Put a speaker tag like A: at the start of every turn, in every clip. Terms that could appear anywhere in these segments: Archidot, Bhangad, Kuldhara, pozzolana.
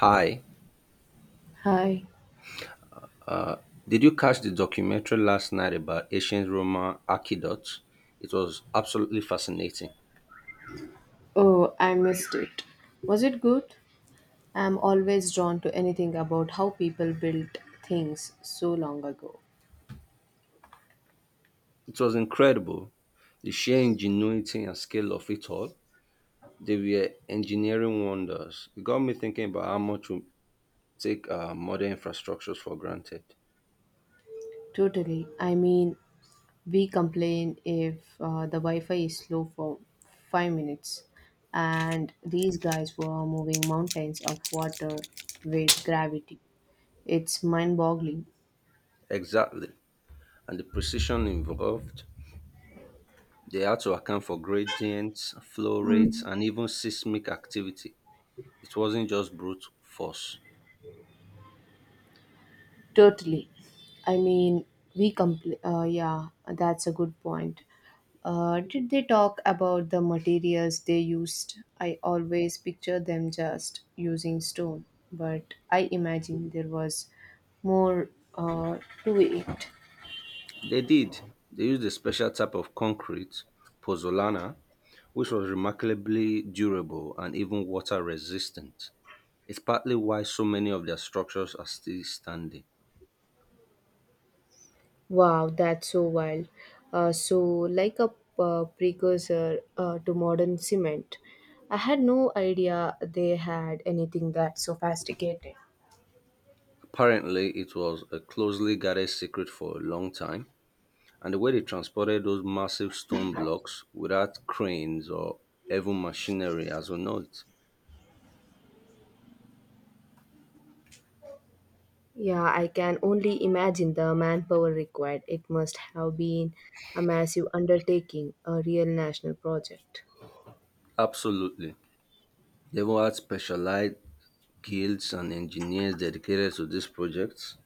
A: Hi,
B: Hi.
A: did you catch the documentary last night about ancient Roman aqueducts? It was absolutely fascinating.
B: Oh, I missed it. Was it good? I'm always drawn to anything about how people built things so long ago.
A: It was incredible, the sheer ingenuity and scale of it all. They were engineering wonders. It got me thinking about how much we take modern infrastructures for granted.
B: Totally. I mean, we complain if the Wi Fi is slow for 5 minutes, and these guys were moving mountains of water with gravity. It's mind boggling.
A: Exactly, and the precision involved. They had to account for gradients, flow rates, and even seismic activity. It wasn't just brute force.
B: Totally. I mean, yeah, that's a good point. Did they talk about the materials they used? I always picture them just using stone, but I imagine there was more uh, to it.
A: They did. They used a special type of concrete, pozzolana, which was remarkably durable and even water resistant. It's partly why so many of their structures are still standing.
B: Wow, that's so wild. Like a precursor to modern cement, I had no idea they had anything that sophisticated.
A: Apparently, it was a closely guarded secret for a long time, and the way they transported those massive stone blocks without cranes or even machinery as we know it.
B: Yeah, I can only imagine the manpower required. It must have been a massive undertaking, a real national project.
A: Absolutely. They even had specialized guilds and engineers dedicated to this project.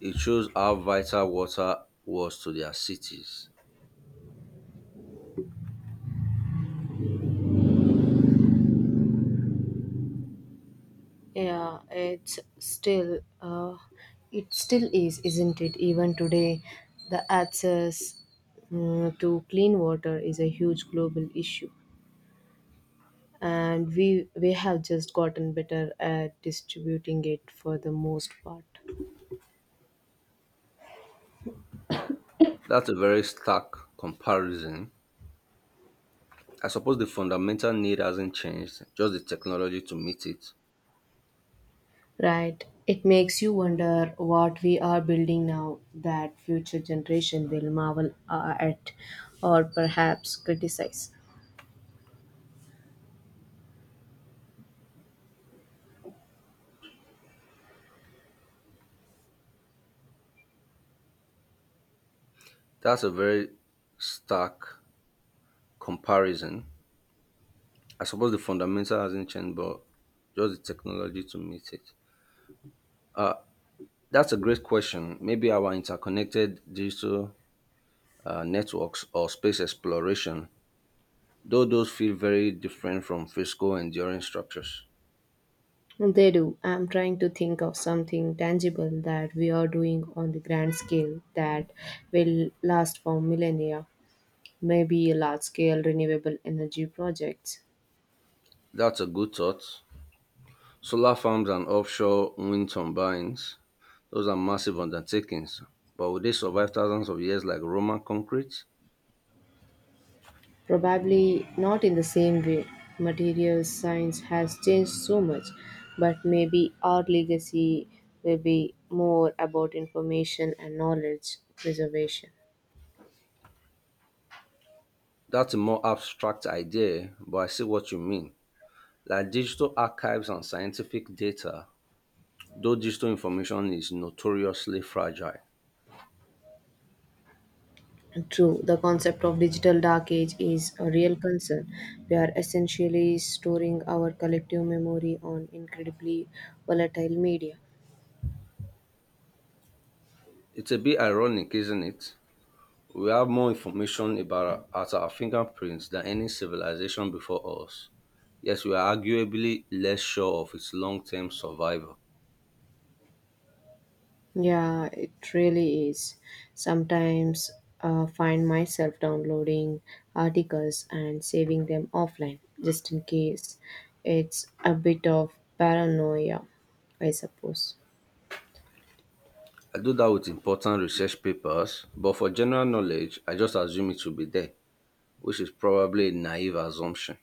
A: It shows how vital water was to their cities.
B: Yeah, it still is, isn't it? Even today, the access to clean water is a huge global issue, and we have just gotten better at distributing it for the most part.
A: That's a very stark comparison. I suppose the fundamental need hasn't changed, just the technology to meet it.
B: Right. It makes you wonder what we are building now that future generation will marvel at or perhaps criticize.
A: That's a very stark comparison. I suppose the fundamental hasn't changed, but just the technology to meet it. Uh, that's a great question. Maybe our interconnected digital networks or space exploration, though those feel very different from physical enduring structures.
B: They do. I'm trying to think of something tangible that we are doing on the grand scale that will last for millennia. Maybe a large scale renewable energy projects.
A: That's a good thought. Solar farms and offshore wind turbines, those are massive undertakings, but will they survive thousands of years like Roman concrete?
B: Probably not in the same way. Material science has changed so much, but maybe our legacy will be more about information and knowledge preservation.
A: That's a more abstract idea, but I see what you mean. Like digital archives and scientific data, though digital information is notoriously fragile.
B: True, the concept of digital dark age is a real concern. We are essentially storing our collective memory on incredibly volatile media.
A: It's a bit ironic, isn't it? We have more information about our, at our fingerprints than any civilization before us. Yes, we are arguably less sure of its long term survival.
B: Yeah, it really is. Sometimes find myself downloading articles and saving them offline just in case. It's a bit of paranoia, I suppose.
A: I do that with important research papers, but for general knowledge, I just assume it will be there, which is probably a naive assumption.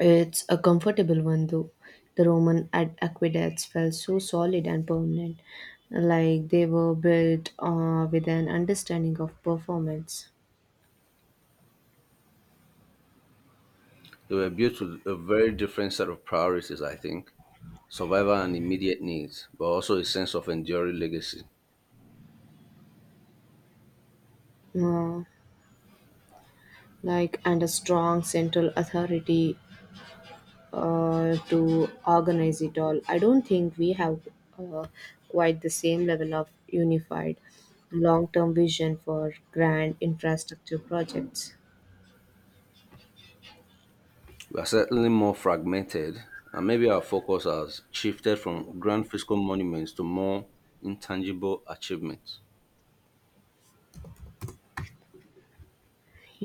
B: It's a comfortable one though. The aqueducts felt so solid and permanent, like they were built with an understanding of performance.
A: They were built with a very different set of priorities, I think survival and immediate needs, but also a sense of enduring legacy.
B: Uh, like and a strong central authority to organize it all. I don't think we have uh, quite the same level of unified long term vision for grand infrastructure projects.
A: We are certainly more fragmented, and maybe our focus has shifted from grand fiscal monuments to more intangible achievements.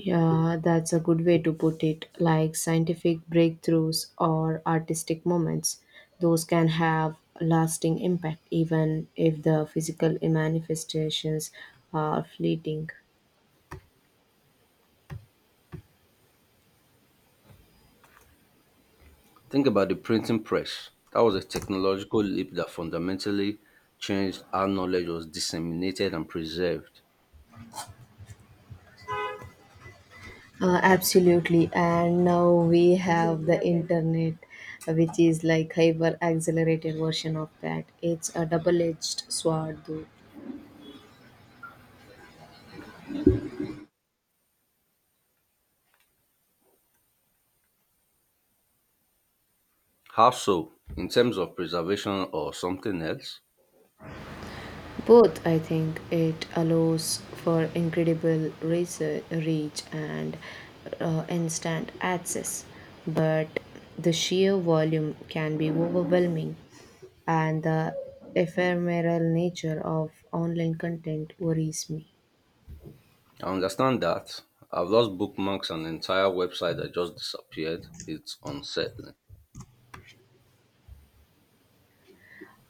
B: Yeah, that's a good way to put it. Like scientific breakthroughs or artistic moments, those can have a lasting impact even if the physical manifestations are fleeting.
A: Think about the printing press. That was a technological leap that fundamentally changed how knowledge was disseminated and preserved.
B: Absolutely. And now we have the internet, which is like hyper accelerated version of that. It's a double edged sword, though.
A: How so? In terms of preservation or something else?
B: Both, I think, it allows for incredible research, reach and instant access, but the sheer volume can be overwhelming, and the ephemeral nature of online content worries me.
A: I understand that. I've lost bookmarks and entire website that just disappeared. It's unsettling.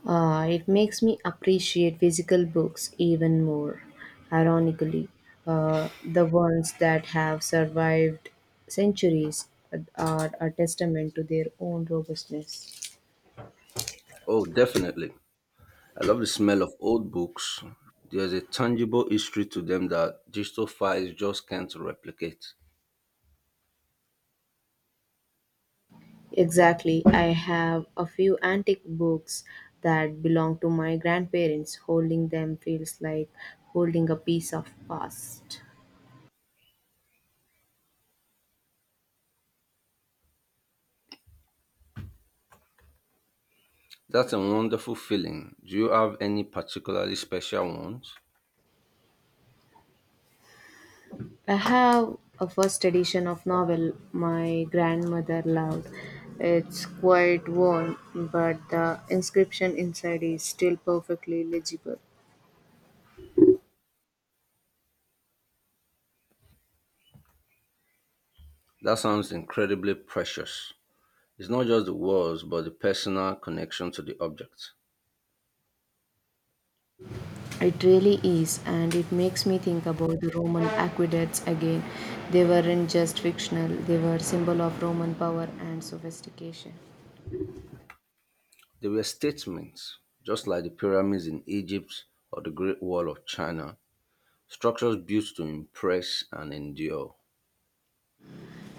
B: It makes me appreciate physical books even more, ironically. The ones that have survived centuries are a testament to their own robustness.
A: Oh, definitely. I love the smell of old books. There's a tangible history to them that digital files just can't replicate.
B: Exactly. I have a few antique books that belong to my grandparents. Holding them feels like holding a piece of past.
A: That's a wonderful feeling. Do you have any particularly special ones?
B: I have a first edition of novel my grandmother loved. It's quite worn, but the inscription inside is still perfectly legible.
A: That sounds incredibly precious. It's not just the words, but the personal connection to the object.
B: It really is, and it makes me think about the Roman aqueducts again. They weren't just fictional, they were symbol of Roman power and sophistication.
A: They were statements, just like the pyramids in Egypt or the Great Wall of China, structures built to impress and endure.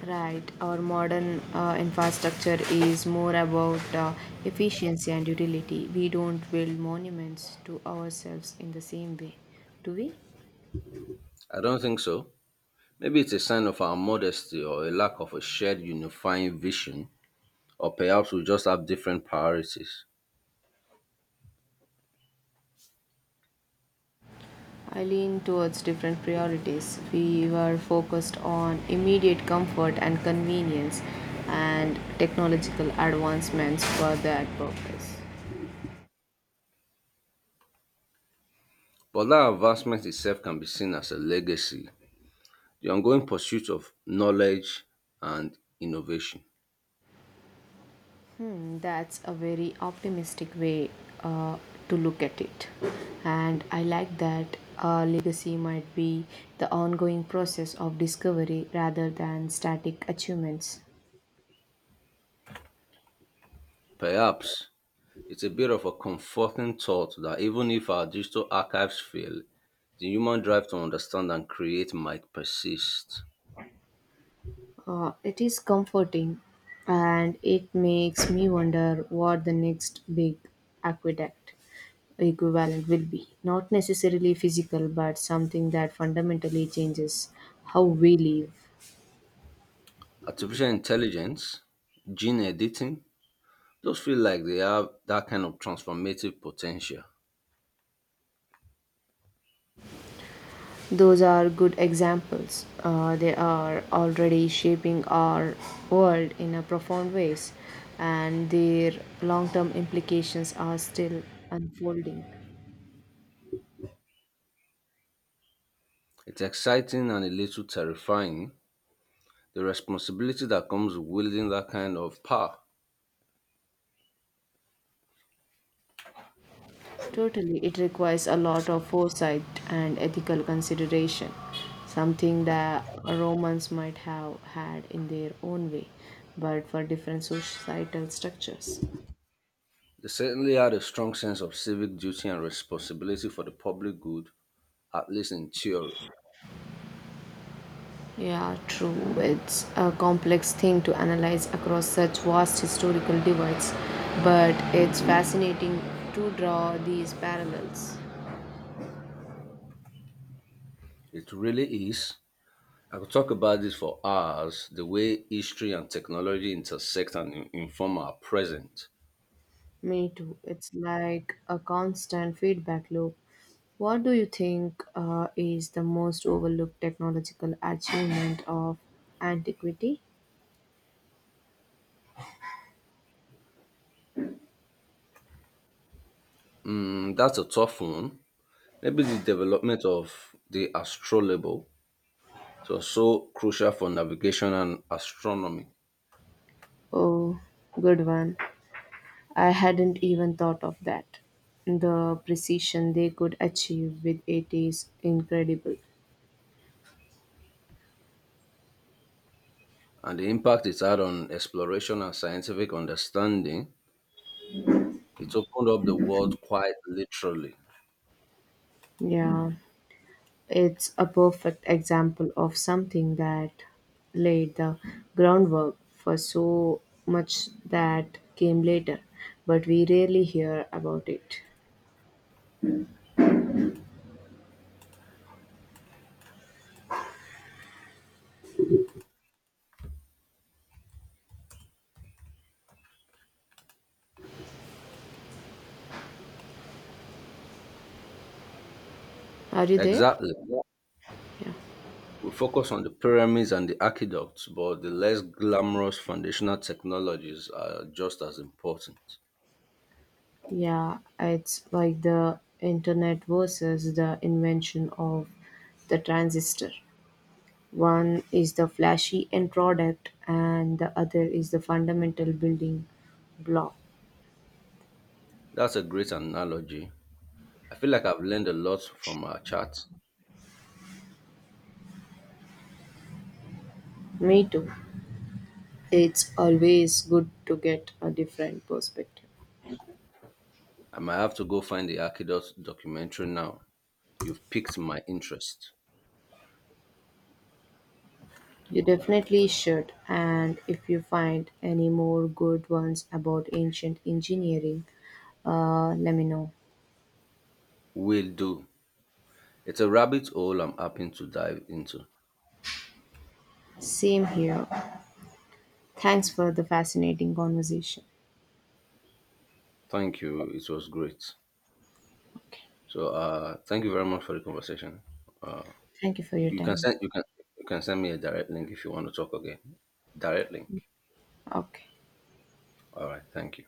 B: Right, our modern infrastructure is more about efficiency and utility. We don't build monuments to ourselves in the same way, do we?
A: I don't think so. Maybe it's a sign of our modesty or a lack of a shared unifying vision, or perhaps we just have different priorities.
B: I lean towards different priorities. We were focused on immediate comfort and convenience, and technological advancements for that purpose.
A: But that advancement itself can be seen as a legacy, the ongoing pursuit of knowledge and innovation.
B: Hmm, that's a very optimistic way uh, to look at it. And I like that a legacy might be the ongoing process of discovery rather than static achievements.
A: Perhaps it's a bit of a comforting thought that even if our digital archives fail, the human drive to understand and create might persist.
B: It is comforting and it makes me wonder what the next big aqueduct equivalent will be. Not necessarily physical, but something that fundamentally changes how we live.
A: Artificial intelligence, gene editing, those feel like they have that kind of transformative potential.
B: Those are good examples, they are already shaping our world in a profound ways and their long-term implications are still unfolding.
A: It's exciting and a little terrifying, the responsibility that comes with wielding that kind of power.
B: Totally, it requires a lot of foresight and ethical consideration, something that romans might have had in their own way but for different societal structures.
A: They certainly had a strong sense of civic duty and responsibility for the public good, at least in theory.
B: Yeah, true. It's a complex thing to analyze across such vast historical divides, but it's fascinating to draw these parallels.
A: It really is. I could talk about this for hours, the way history and technology intersect and inform our present.
B: Me too. It's like a constant feedback loop. What do you think is the most overlooked technological achievement of antiquity?
A: Mm, that's a tough one. Maybe the development of the astrolabe was so crucial for navigation and astronomy,
B: Oh, good one. I hadn't even thought of that. The precision they could achieve with it is incredible.
A: and the impact it had on exploration and scientific understanding. It opened up the world quite literally.
B: Yeah. It's a perfect example of something that laid the groundwork for so much that came later, but we rarely hear about it. Are you there?
A: Exactly.
B: Yeah.
A: We focus on the pyramids and the aqueducts, but the less glamorous foundational technologies are just as important.
B: Yeah, it's like the internet versus the invention of the transistor. One is the flashy end product, and the other is the fundamental building block.
A: That's a great analogy. I feel like I've learned a lot from our chat.
B: Me too. It's always good to get a different perspective.
A: I might have to go find the Archidot documentary now. You've piqued my interest.
B: You definitely should, and if you find any more good ones about ancient engineering, let me know.
A: Will do. It's a rabbit hole I'm happy to dive into.
B: Same here. Thanks for the fascinating conversation.
A: Thank you. It was great.
B: Okay.
A: So thank you very much for the conversation. Uh
B: Thank you for
A: you
B: your time.
A: you can send me a direct link if you want to talk again. Direct link.
B: Okay.
A: All right, thank you.